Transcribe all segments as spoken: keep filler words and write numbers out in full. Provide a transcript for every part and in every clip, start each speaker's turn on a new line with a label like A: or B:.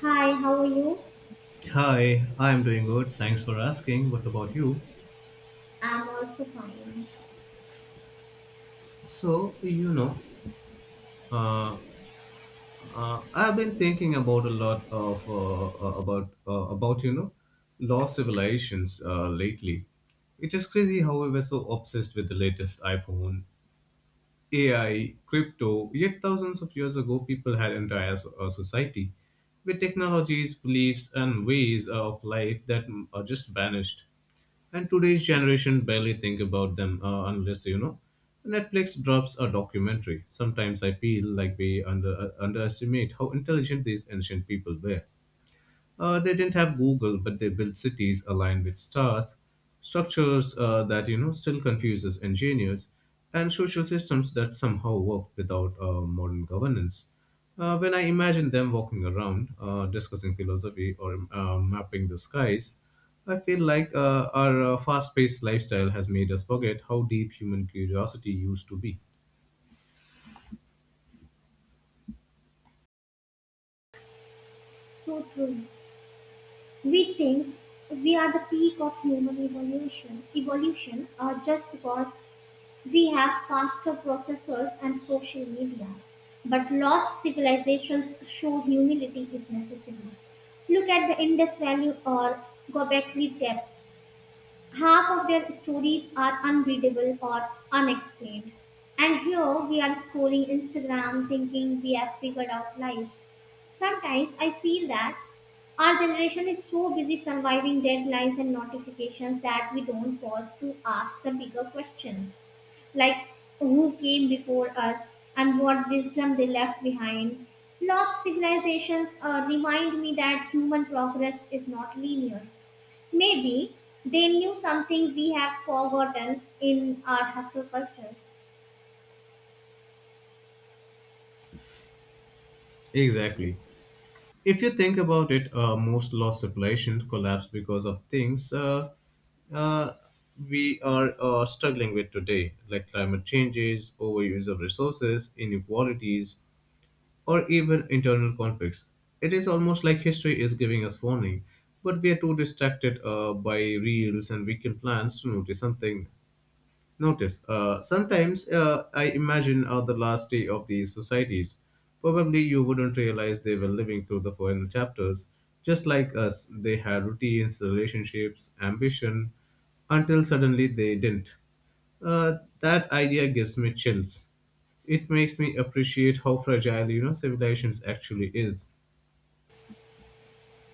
A: Hi, how are you?
B: Hi, I'm doing good. Thanks for asking. What about you?
A: I'm also fine.
B: So, you know, uh, uh, I've been thinking about a lot of uh, uh, about uh, about you know, lost civilizations uh, lately. It is crazy how we were so obsessed with the latest iPhone A I, crypto, yet thousands of years ago, people had entire so- uh, society with technologies, beliefs, and ways of life that mm, are just vanished. And today's generation barely think about them uh, unless, you know, Netflix drops a documentary. Sometimes I feel like we under, uh, underestimate how intelligent these ancient people were. Uh, they didn't have Google, but they built cities aligned with stars, structures uh, that you know still confuses engineers, and social systems that somehow work without uh, modern governance. Uh, when I imagine them walking around, uh, discussing philosophy or uh, mapping the skies, I feel like uh, our uh, fast-paced lifestyle has made us forget how deep human curiosity used to be.
A: So true. We think we are the peak of human evolution, evolution uh, just because we have faster processors and social media. But lost civilizations show humility is necessary. Look at the Indus Valley or Gobekli Tepe. Half of their stories are unreadable or unexplained. And here we are scrolling Instagram thinking we have figured out life. Sometimes I feel that our generation is so busy surviving deadlines and notifications that we don't pause to ask the bigger questions like who came before us and what wisdom they left behind. Lost civilizations uh, remind me that human progress is not linear. Maybe they knew something we have forgotten in our hustle culture.
B: Exactly. If you think about it, uh, most lost civilizations collapse because of things uh, uh, we are uh, struggling with today, like climate changes, overuse of resources, inequalities, or even internal conflicts. It is almost like history is giving us warning, but we are too distracted uh, by reels and weekend plans to notice something Notice, uh, Sometimes uh, I imagine are the last day of these societies. Probably you wouldn't realize they were living through the final chapters. Just like us, they had routines, relationships, ambition, until suddenly they didn't. Uh, that idea gives me chills. It makes me appreciate how fragile, you know, civilizations actually is.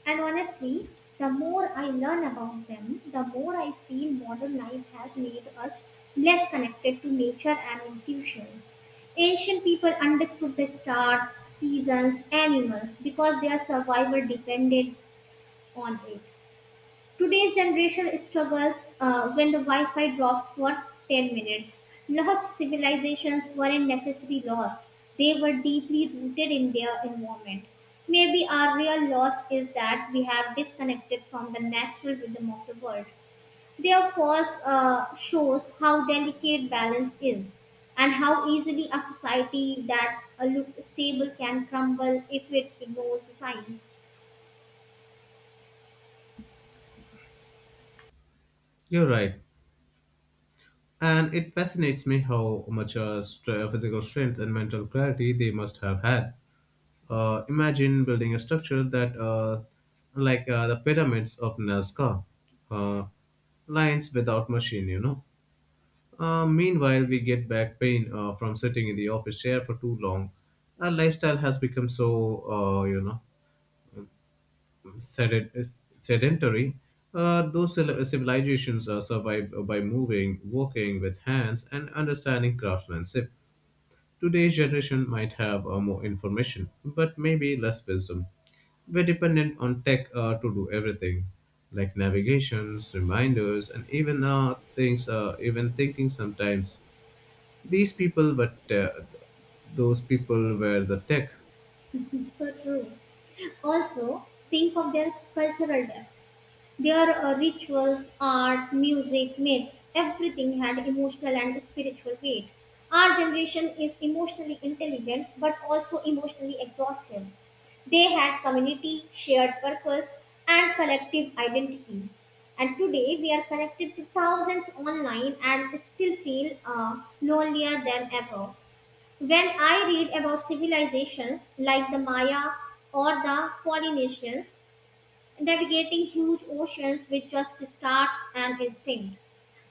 A: And honestly, the more I learn about them, the more I feel modern life has made us less connected to nature and intuition. Ancient people understood the stars, seasons, animals because their survival depended on it. Today's generation struggles uh, when the Wi-Fi drops for ten minutes. Lost civilizations weren't necessarily lost. They were deeply rooted in their environment. Maybe our real loss is that we have disconnected from the natural rhythm of the world. Their force uh, shows how delicate balance is and how easily a society that uh, looks stable can crumble if it ignores the signs.
B: You're right. And it fascinates me how much uh, stre- physical strength and mental clarity they must have had. Uh, imagine building a structure that, uh, like uh, the pyramids of Nazca, uh, lines without machine, you know. Uh, meanwhile, we get back pain uh, from sitting in the office chair for too long. Our lifestyle has become so, uh, you know, sedent- sedentary. Uh, those civil- civilizations uh, survive by moving, walking with hands, and understanding craftsmanship. Today's generation might have uh, more information, but maybe less wisdom. We're dependent on tech uh, to do everything, like navigations, reminders, and even uh, things, uh, even thinking sometimes. These people, but uh, Those people were the tech.
A: So true. Also, think of their cultural depth. Their uh, rituals, art, music, myths, everything had emotional and spiritual weight. Our generation is emotionally intelligent but also emotionally exhausted. They had community, shared purpose, and collective identity. And today we are connected to thousands online and still feel uh, lonelier than ever. When I read about civilizations like the Maya or the Polynesians navigating huge oceans with just stars and instinct,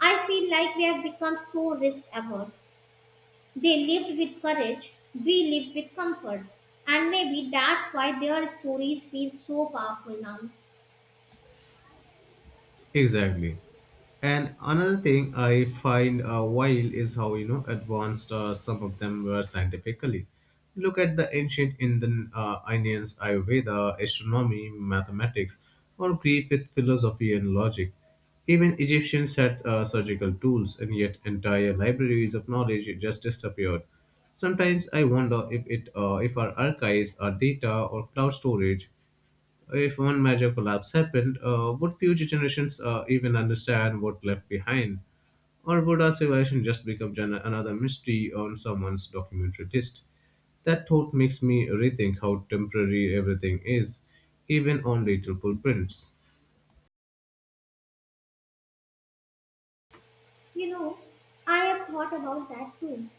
A: I feel like we have become so risk averse. They lived with courage, we live with comfort. And maybe that's why their stories feel so powerful now.
B: Exactly. And another thing I find uh, wild is how you know advanced uh, some of them were scientifically. Look at the ancient Indian uh, Indians, Ayurveda, astronomy, mathematics, or Greek with philosophy and logic. Even Egyptians had uh, surgical tools, and yet entire libraries of knowledge just disappeared. Sometimes I wonder if it uh, if our archives, our data, or cloud storage, if one major collapse happened, uh, would future generations uh, even understand what left behind? Or would our civilization just become gen- another mystery on someone's documentary list? That thought makes me rethink how temporary everything is, even on digital footprints.
A: You know, I have thought about that too.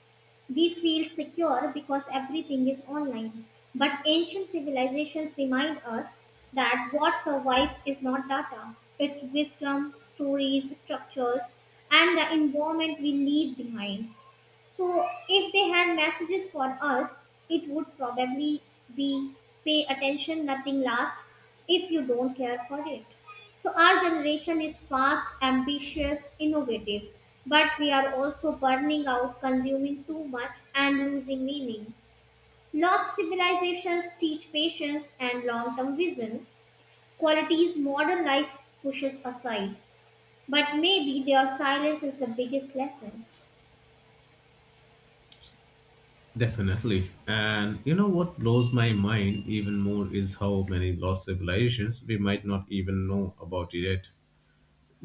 A: We feel secure because everything is online. But ancient civilizations remind us that what survives is not data, it's wisdom, stories, structures, and the environment we leave behind. So if they had messages for us, it would probably be pay attention, nothing lasts if you don't care for it. So our generation is fast, ambitious, innovative, but we are also burning out, consuming too much and losing meaning. Lost civilizations teach patience and long-term vision, qualities modern life pushes aside. But maybe their silence is the biggest lesson.
B: Definitely. And you know what blows my mind even more is how many lost civilizations we might not even know about yet.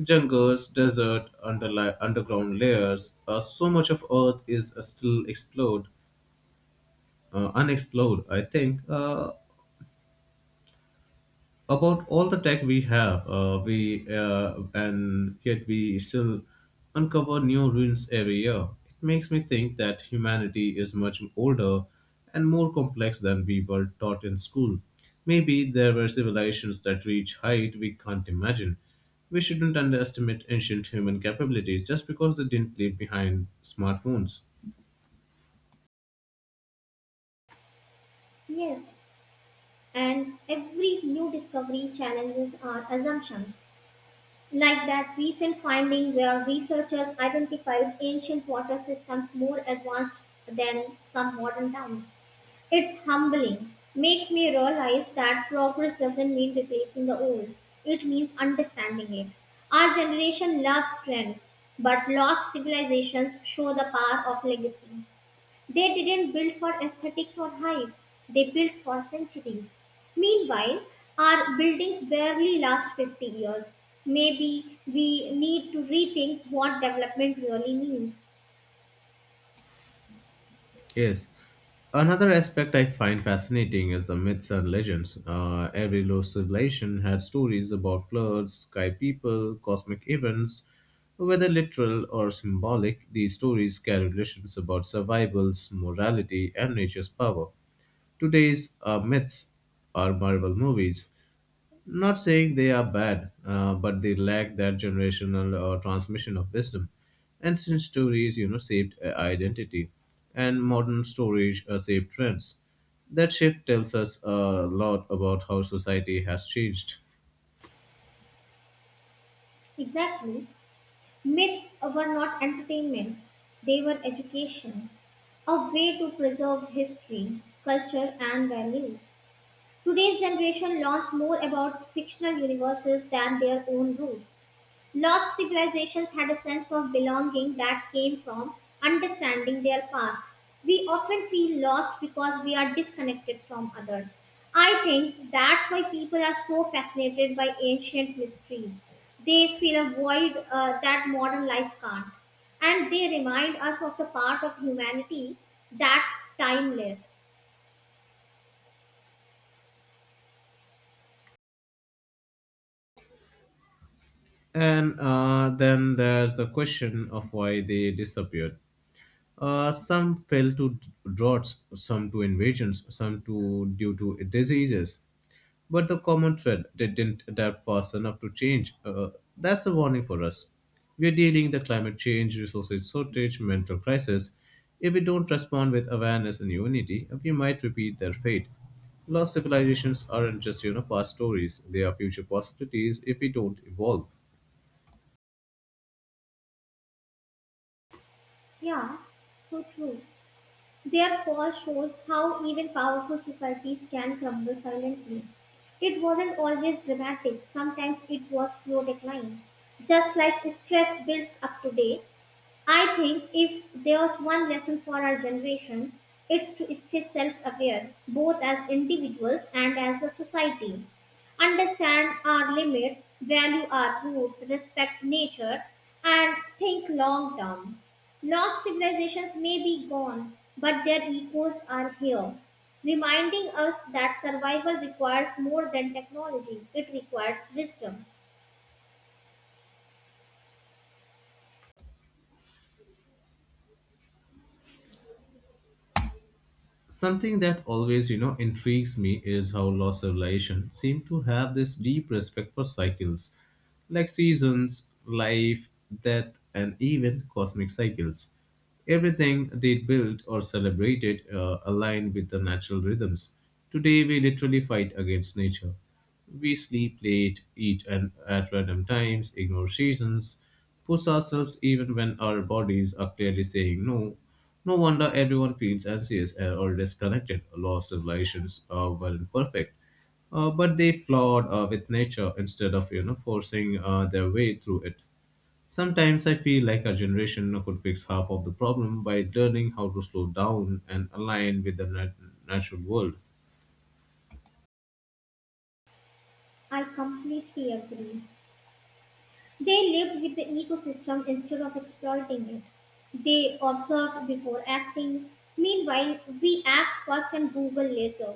B: Jungles, desert, underli- underground layers. Uh, so much of Earth is uh, still explored, uh, unexplored. I think. Uh, about all the tech we have, uh, we uh, and yet we still uncover new ruins every year. It makes me think that humanity is much older and more complex than we were taught in school. Maybe there were civilizations that reach height we can't imagine. We shouldn't underestimate ancient human capabilities just because they didn't leave behind smartphones.
A: Yes, and every new discovery challenges our assumptions. Like that recent finding where researchers identified ancient water systems more advanced than some modern towns. It's humbling, makes me realize that progress doesn't mean replacing the old, it means understanding it. Our generation loves trends, but lost civilizations show the power of legacy. They didn't build for aesthetics or hype, they built for centuries. Meanwhile, our buildings barely last fifty years. Maybe we need to rethink what development really means.
B: Yes. Another aspect I find fascinating is the myths and legends. Uh, every lost civilization had stories about floods, sky people, cosmic events. Whether literal or symbolic, these stories carry lessons about survival, morality, and nature's power. Today's uh, myths are Marvel movies, not saying they are bad, uh, but they lack that generational or transmission of wisdom. Ancient stories, you know, shaped uh, identity, and modern stories uh, shape trends. That shift tells us a lot about how society has changed.
A: Exactly. Myths were not entertainment, they were education, a way to preserve history, culture, and values. Today's generation learns more about fictional universes than their own roots. Lost civilizations had a sense of belonging that came from understanding their past. We often feel lost because we are disconnected from others. I think that's why people are so fascinated by ancient mysteries. They fill a void uh, that modern life can't. And they remind us of the part of humanity that's timeless.
B: And uh, then there's the question of why they disappeared. Uh, some fell to droughts, some to invasions, some to due to diseases. But the common thread they didn't adapt fast enough to change. Uh, that's a warning for us. We're dealing the climate change, resources shortage, mental crisis. If we don't respond with awareness and unity, we might repeat their fate. Lost civilizations aren't just you know past stories; they are future possibilities if we don't evolve.
A: Yeah, so true. Their fall shows how even powerful societies can crumble silently. It wasn't always dramatic, sometimes it was slow decline. Just like stress builds up today, I think if there's one lesson for our generation, it's to stay self aware, both as individuals and as a society. Understand our limits, value our roots, respect nature, and think long term. Lost civilizations may be gone, but their echoes are here, reminding us that survival requires more than technology, it requires wisdom.
B: Something that always, you know, intrigues me is how lost civilization seem to have this deep respect for cycles, like seasons, life, death, and even cosmic cycles. Everything they built or celebrated uh, aligned with the natural rhythms. Today, we literally fight against nature. We sleep late, eat and at random times, ignore seasons, push ourselves even when our bodies are clearly saying no. No wonder everyone feels anxious uh, or disconnected. Lost civilizations uh, weren't perfect, uh, but they flawed uh, with nature instead of you know forcing uh, their way through it. Sometimes I feel like our generation could fix half of the problem by learning how to slow down and align with the nat- natural world.
A: I completely agree. They lived with the ecosystem instead of exploiting it. They observed before acting. Meanwhile, we act first and Google later.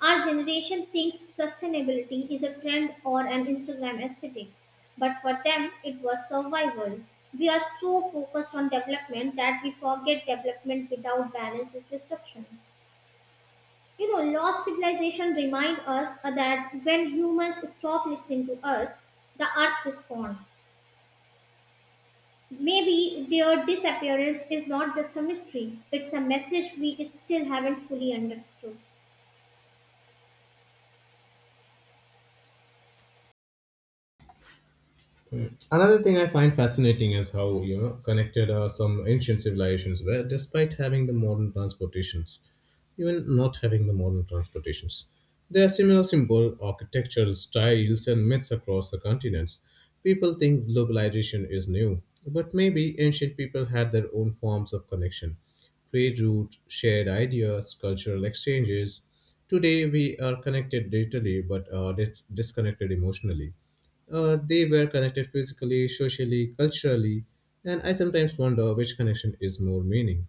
A: Our generation thinks sustainability is a trend or an Instagram aesthetic, but for them it was survival. We are so focused on development that we forget development without balance is destruction. You know, lost civilization remind us that when humans stop listening to Earth, the Earth responds. Maybe their disappearance is not just a mystery, it's a message we still haven't fully understood.
B: Another thing I find fascinating is how you know connected uh, some ancient civilizations were, despite having the modern transportations, even not having the modern transportations. There are similar symbol, architectural styles, and myths across the continents. People think globalization is new, but maybe ancient people had their own forms of connection, trade routes, shared ideas, cultural exchanges. Today, we are connected digitally but are dis- disconnected emotionally. Uh, they were connected physically, socially, culturally, and I sometimes wonder which connection is more meaning.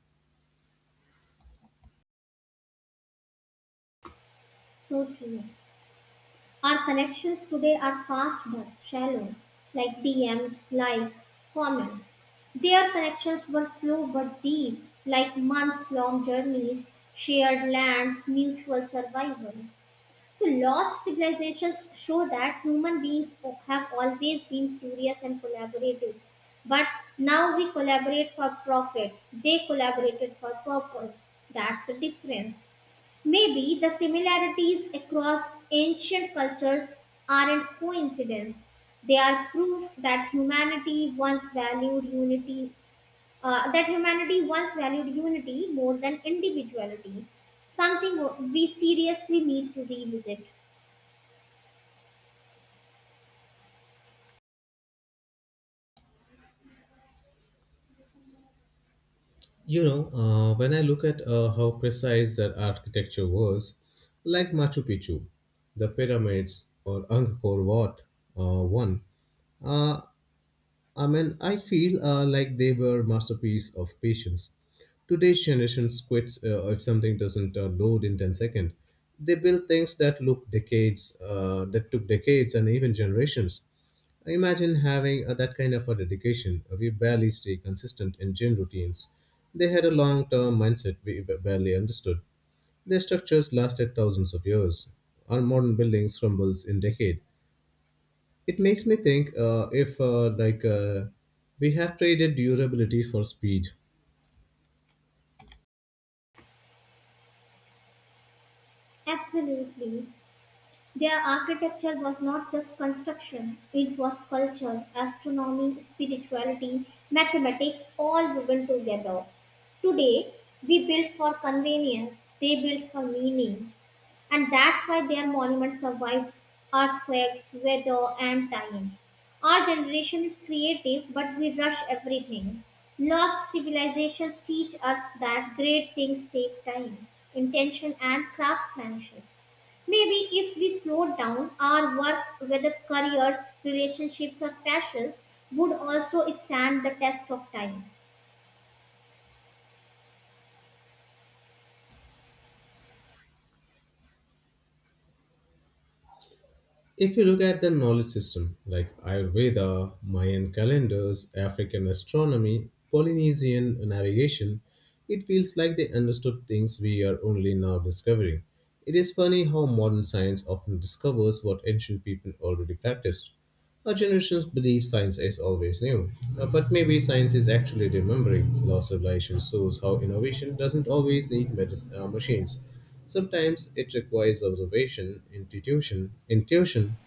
A: So true. Our connections today are fast but shallow, like D Ms, likes, comments. Their connections were slow but deep, like months long journeys, shared lands, mutual survival. So, lost civilizations show that human beings o- have always been curious and collaborative. But now we collaborate for profit, they collaborated for purpose. That's the difference. Maybe the similarities across ancient cultures aren't coincidence. They are proof that humanity once valued unity, uh, that humanity once valued unity more than individuality, something we seriously need to revisit.
B: You know, uh, when I look at uh, how precise that architecture was, like Machu Picchu, the pyramids, or Angkor Wat, uh, one, uh, I mean, I feel uh, like they were masterpiece of patience. Today's generation quits uh, if something doesn't uh, load in ten seconds. They build things that look decades, uh, that took decades and even generations. Imagine having uh, that kind of a dedication. We barely stay consistent in gym routines. They had a long-term mindset we barely understood. Their structures lasted thousands of years. Our modern buildings crumbles in decade. It makes me think uh, if uh, like uh, we have traded durability for speed.
A: Absolutely. Their architecture was not just construction, it was culture, astronomy, spirituality, mathematics, all woven together. Today, we build for convenience, they built for meaning. And that's why their monuments survived earthquakes, weather, and time. Our generation is creative, but we rush everything. Lost civilizations teach us that great things take time, intention, and craftsmanship. Maybe if we slowed down, our work, whether careers, relationships, or passions, would also stand the test of time.
B: If you look at the knowledge system, like Ayurveda, Mayan calendars, African astronomy, Polynesian navigation, it feels like they understood things we are only now discovering. It is funny how modern science often discovers what ancient people already practiced. Our generations believe science is always new, Uh, but maybe science is actually remembering. Loss of civilization shows how innovation doesn't always need medis- uh, machines. Sometimes it requires observation, intuition, intuition,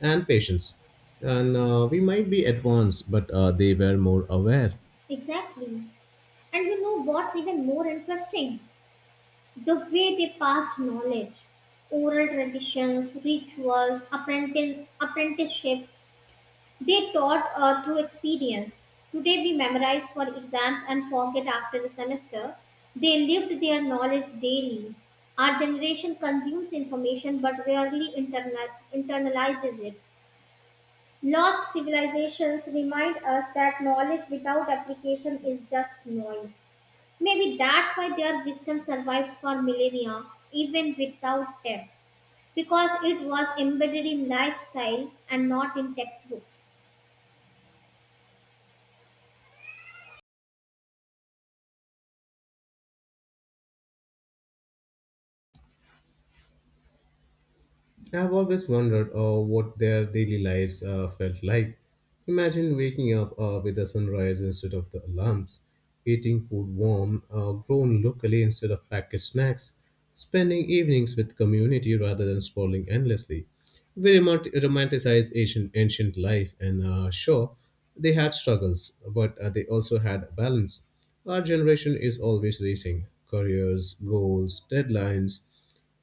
B: and patience. And uh, we might be advanced, but uh, they were more aware.
A: Exactly. And you know what's even more interesting? The way they passed knowledge. Oral traditions, rituals, apprentice, apprenticeships. They taught uh, through experience. Today we memorize for exams and forget after the semester. They lived their knowledge daily. Our generation consumes information but rarely interna- internalizes it. Lost civilizations remind us that knowledge without application is just noise. Maybe that's why their wisdom survived for millennia, even without them, because it was embedded in lifestyle and not in textbooks.
B: I've always wondered uh, what their daily lives uh, felt like. Imagine waking up uh, with the sunrise instead of the alarms, eating food warm, uh, grown locally instead of packaged snacks, spending evenings with community rather than scrolling endlessly. We remot- romanticize ancient, ancient life, and uh, sure, they had struggles, but uh, they also had balance. Our generation is always racing careers, goals, deadlines.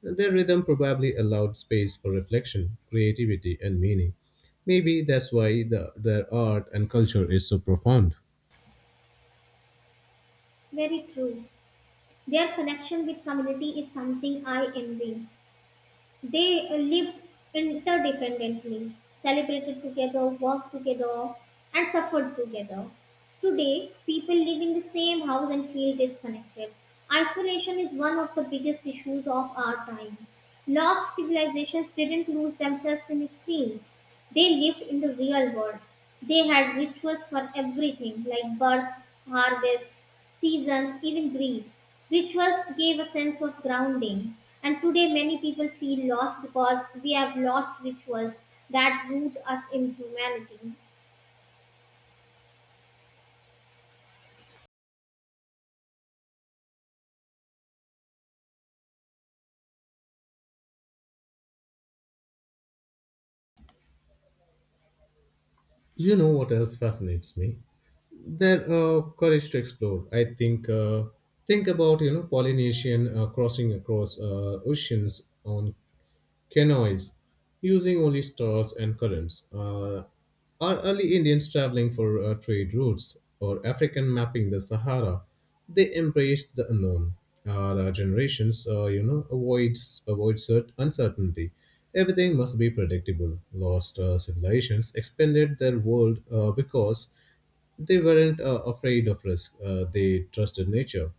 B: Their rhythm probably allowed space for reflection, creativity, and meaning. Maybe that's why the, their art and culture is so profound.
A: Very true. Their connection with community is something I envy. They uh, lived interdependently, celebrated together, worked together, and suffered together. Today, people live in the same house and feel disconnected. Isolation is one of the biggest issues of our time. Lost civilizations didn't lose themselves in screens. They lived in the real world. They had rituals for everything like birth, harvest, seasons, even grief. Rituals gave a sense of grounding. And today, many people feel lost because we have lost rituals that root us in humanity.
B: You know what else fascinates me? Their uh, courage to explore. I think uh, Think about you know Polynesian uh, crossing across uh, oceans on canoes, using only stars and currents, uh, are early Indians traveling for uh, trade routes or African mapping the Sahara. They embraced the unknown. Our uh, generations, uh, you know, avoid avoid cert- uncertainty. Everything must be predictable. Lost uh, civilizations expanded their world uh, because they weren't uh, afraid of risk. Uh, they trusted nature,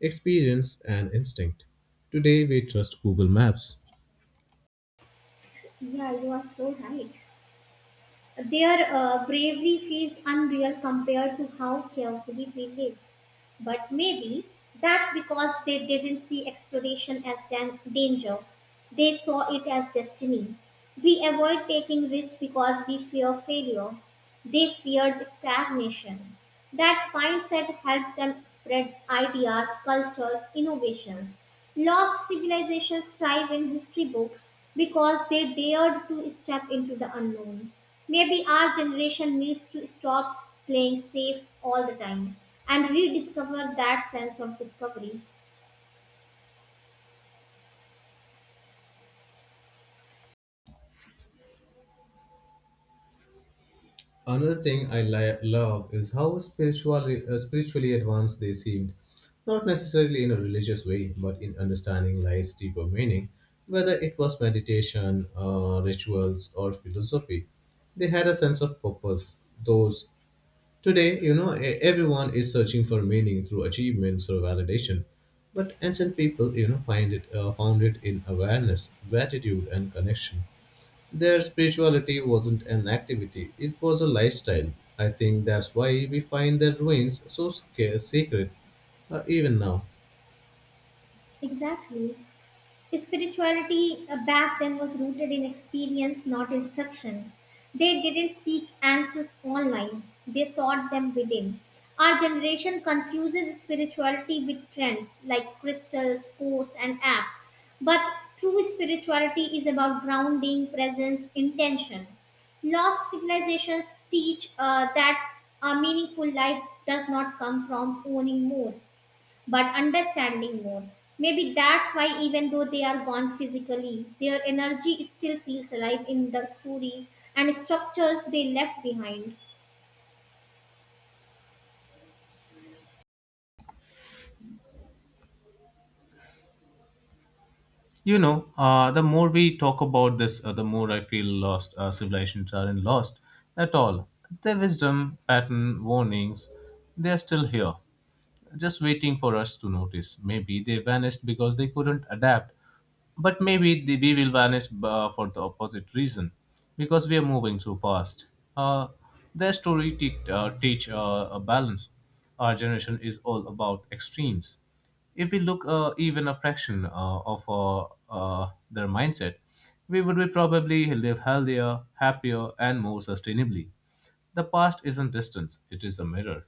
B: experience, and instinct. Today, we trust Google Maps.
A: Yeah, you are so right. Their uh, bravery feels unreal compared to how carefully we live. But maybe that's because they didn't see exploration as dan- danger. They saw it as destiny. We avoid taking risks because we fear failure. They feared stagnation. That mindset helped them spread ideas, cultures, innovations. Lost civilizations thrive in history books because they dared to step into the unknown. Maybe our generation needs to stop playing safe all the time and rediscover that sense of discovery.
B: Another thing I li- love is how spiritually, uh, spiritually advanced they seemed. Not necessarily in a religious way, but in understanding life's deeper meaning, whether it was meditation, uh, rituals, or philosophy. They had a sense of purpose. Those today, you know, e- everyone is searching for meaning through achievements or validation, but ancient people, you know, find it uh, found it in awareness, gratitude, and connection. Their spirituality wasn't an activity, it was a lifestyle. I think that's why we find their ruins so sca- sacred, uh, even now.
A: Exactly. Spirituality uh, back then was rooted in experience, not instruction. They didn't seek answers online, they sought them within. Our generation confuses spirituality with trends like crystals, sports, and apps. But true spirituality is about grounding, presence, intention. Lost civilizations teach uh, that a meaningful life does not come from owning more but understanding more. Maybe that's why, even though they are gone physically, their energy still feels alive in the stories and structures they left behind.
B: You know, uh, the more we talk about this, uh, the more I feel lost. Uh, civilizations aren't lost at all. Their wisdom, pattern, warnings, they are still here, just waiting for us to notice. Maybe they vanished because they couldn't adapt, but maybe they, we will vanish uh, for the opposite reason because we are moving too fast. Uh, their story te- uh, teach uh, a balance. Our generation is all about extremes. If we look uh, even a fraction uh, of uh, uh, their mindset, we would be probably live healthier, happier, and more sustainably. The past isn't distance; it is a mirror.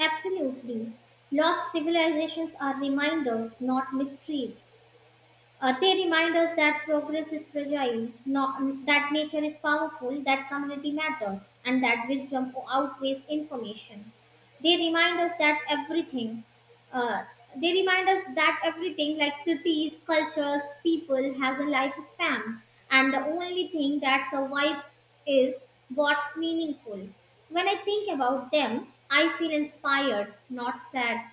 A: Absolutely. Lost civilizations are reminders, not mysteries. Uh, they remind us that progress is fragile, not, that nature is powerful, that community matters, and that wisdom outweighs information. They remind us that everything, uh, they remind us that everything like cities, cultures, people has a lifespan, and the only thing that survives is what's meaningful. When I think about them, I feel inspired, not sad,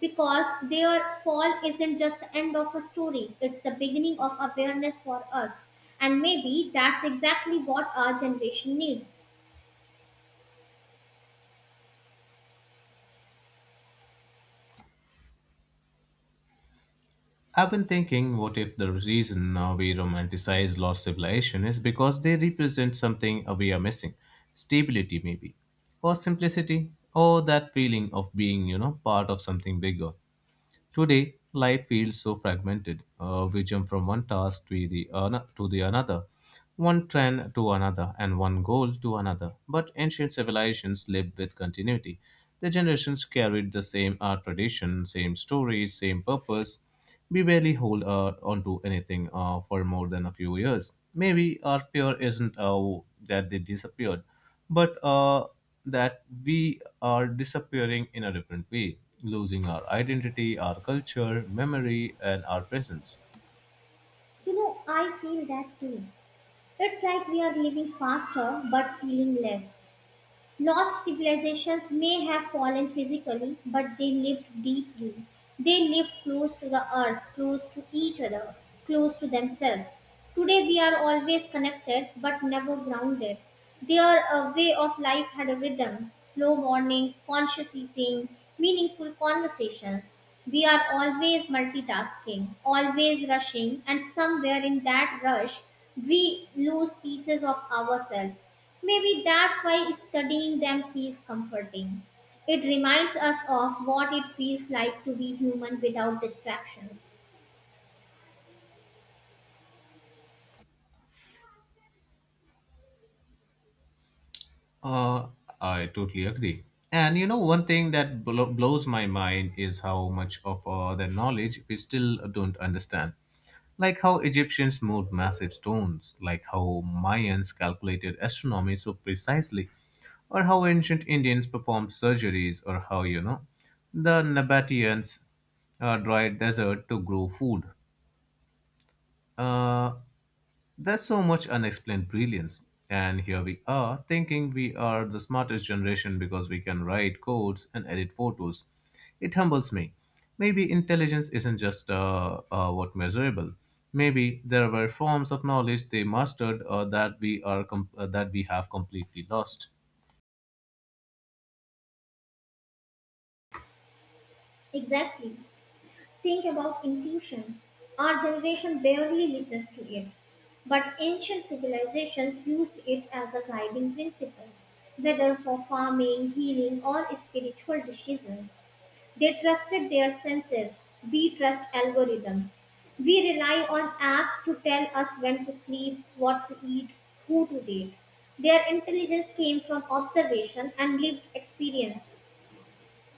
A: because their fall isn't just the end of a story, it's the beginning of awareness for us. And maybe that's exactly what our generation needs.
B: I've been thinking, what if the reason uh, we romanticize lost civilization is because they represent something uh, we are missing? Stability, maybe, or simplicity, or that feeling of being, you know, part of something bigger. Today, life feels so fragmented. Uh, we jump from one task to the, ano- to the another, one trend to another, and one goal to another. But ancient civilizations lived with continuity. The generations carried the same art tradition, same stories, same purpose. We barely hold uh, onto anything uh, for more than a few years. Maybe our fear isn't uh, that they disappeared, but uh, that we are disappearing in a different way, losing our identity, our culture, memory, and our presence.
A: You know, I feel that too. It's like we are living faster but feeling less. Lost civilizations may have fallen physically, but they lived deeply. They lived close to the earth, close to each other, close to themselves. Today we are always connected but never grounded. Their uh, way of life had a rhythm slow mornings, conscious eating, meaningful conversations. We are always multitasking, always rushing, and somewhere in that rush, we lose pieces of ourselves. Maybe that's why studying them feels comforting. It reminds us of what it feels like to be human without distractions.
B: Uh, I totally agree. And you know, one thing that blo- blows my mind is how much of uh, their knowledge we still don't understand. Like how Egyptians moved massive stones, like how Mayans calculated astronomy so precisely, or how ancient Indians performed surgeries, or how, you know, the Nabateans uh, dried desert to grow food. Uh, there's so much unexplained brilliance. And here we are, thinking we are the smartest generation because we can write codes and edit photos. It humbles me. Maybe intelligence isn't just uh, uh, what measurable. Maybe there were forms of knowledge they mastered uh, that we are com- uh, that we have completely lost.
A: Exactly. Think about inclusion. Our generation barely listens to it, but ancient civilizations used it as a guiding principle, whether for farming, healing, or spiritual decisions. They trusted their senses. We trust algorithms. We rely on apps to tell us when to sleep, what to eat, who to date. Their intelligence came from observation and lived experience.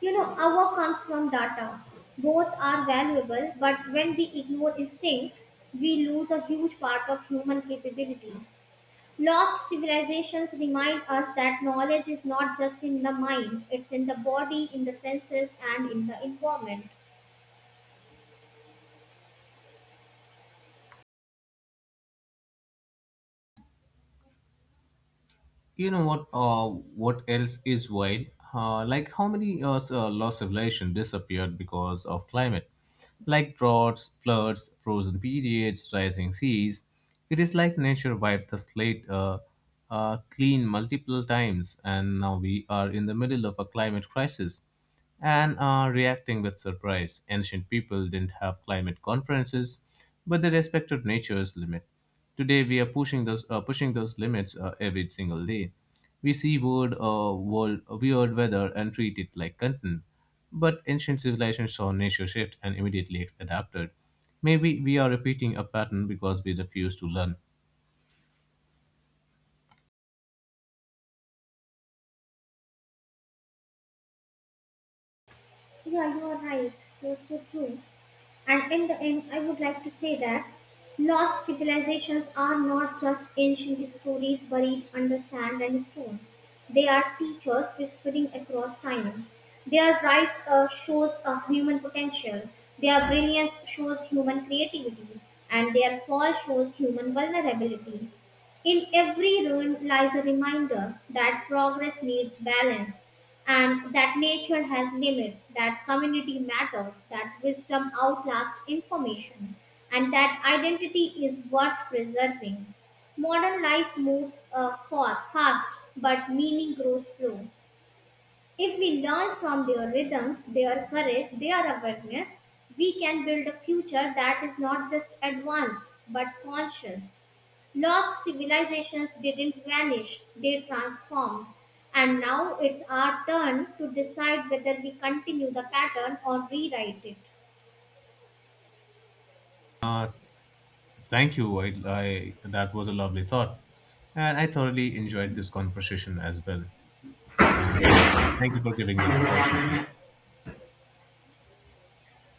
A: You know, our comes from data. Both are valuable, but when we ignore instinct, we lose a huge part of human capability. Lost civilizations remind us that knowledge is not just in the mind, it's in the body, in the senses, and in the environment.
B: You know what? Uh, what else is wild? Uh, like how many uh, s- uh, lost civilization disappeared because of climate? Like droughts, floods, frozen periods, rising seas. It is like nature wiped the slate uh, uh, clean multiple times, and now we are in the middle of a climate crisis and are reacting with surprise. Ancient people didn't have climate conferences, but they respected nature's limit. Today, we are pushing those uh, pushing those limits uh, every single day. We see weird, uh, world, weird weather and treat it like content. But ancient civilizations saw nature shift and immediately adapted. Maybe we are repeating a pattern because we refuse to learn.
A: Yeah, you are right. You're so true. And in the end, I would like to say that lost civilizations are not just ancient stories buried under sand and stone. They are teachers whispering across time. Their rise uh, shows a human potential. Their brilliance shows human creativity. And their fall shows human vulnerability. In every ruin lies a reminder that progress needs balance and that nature has limits, that community matters, that wisdom outlasts information, and that identity is worth preserving. Modern life moves uh, fa- fast, but meaning grows slow. If we learn from their rhythms, their courage, their awareness, we can build a future that is not just advanced but conscious. Lost civilizations didn't vanish, they transformed. And now it's our turn to decide whether we continue the pattern or rewrite it.
B: Thank you. I, I, that was a lovely thought. And I thoroughly enjoyed this conversation as well. Uh, thank, Thank you for giving this opportunity.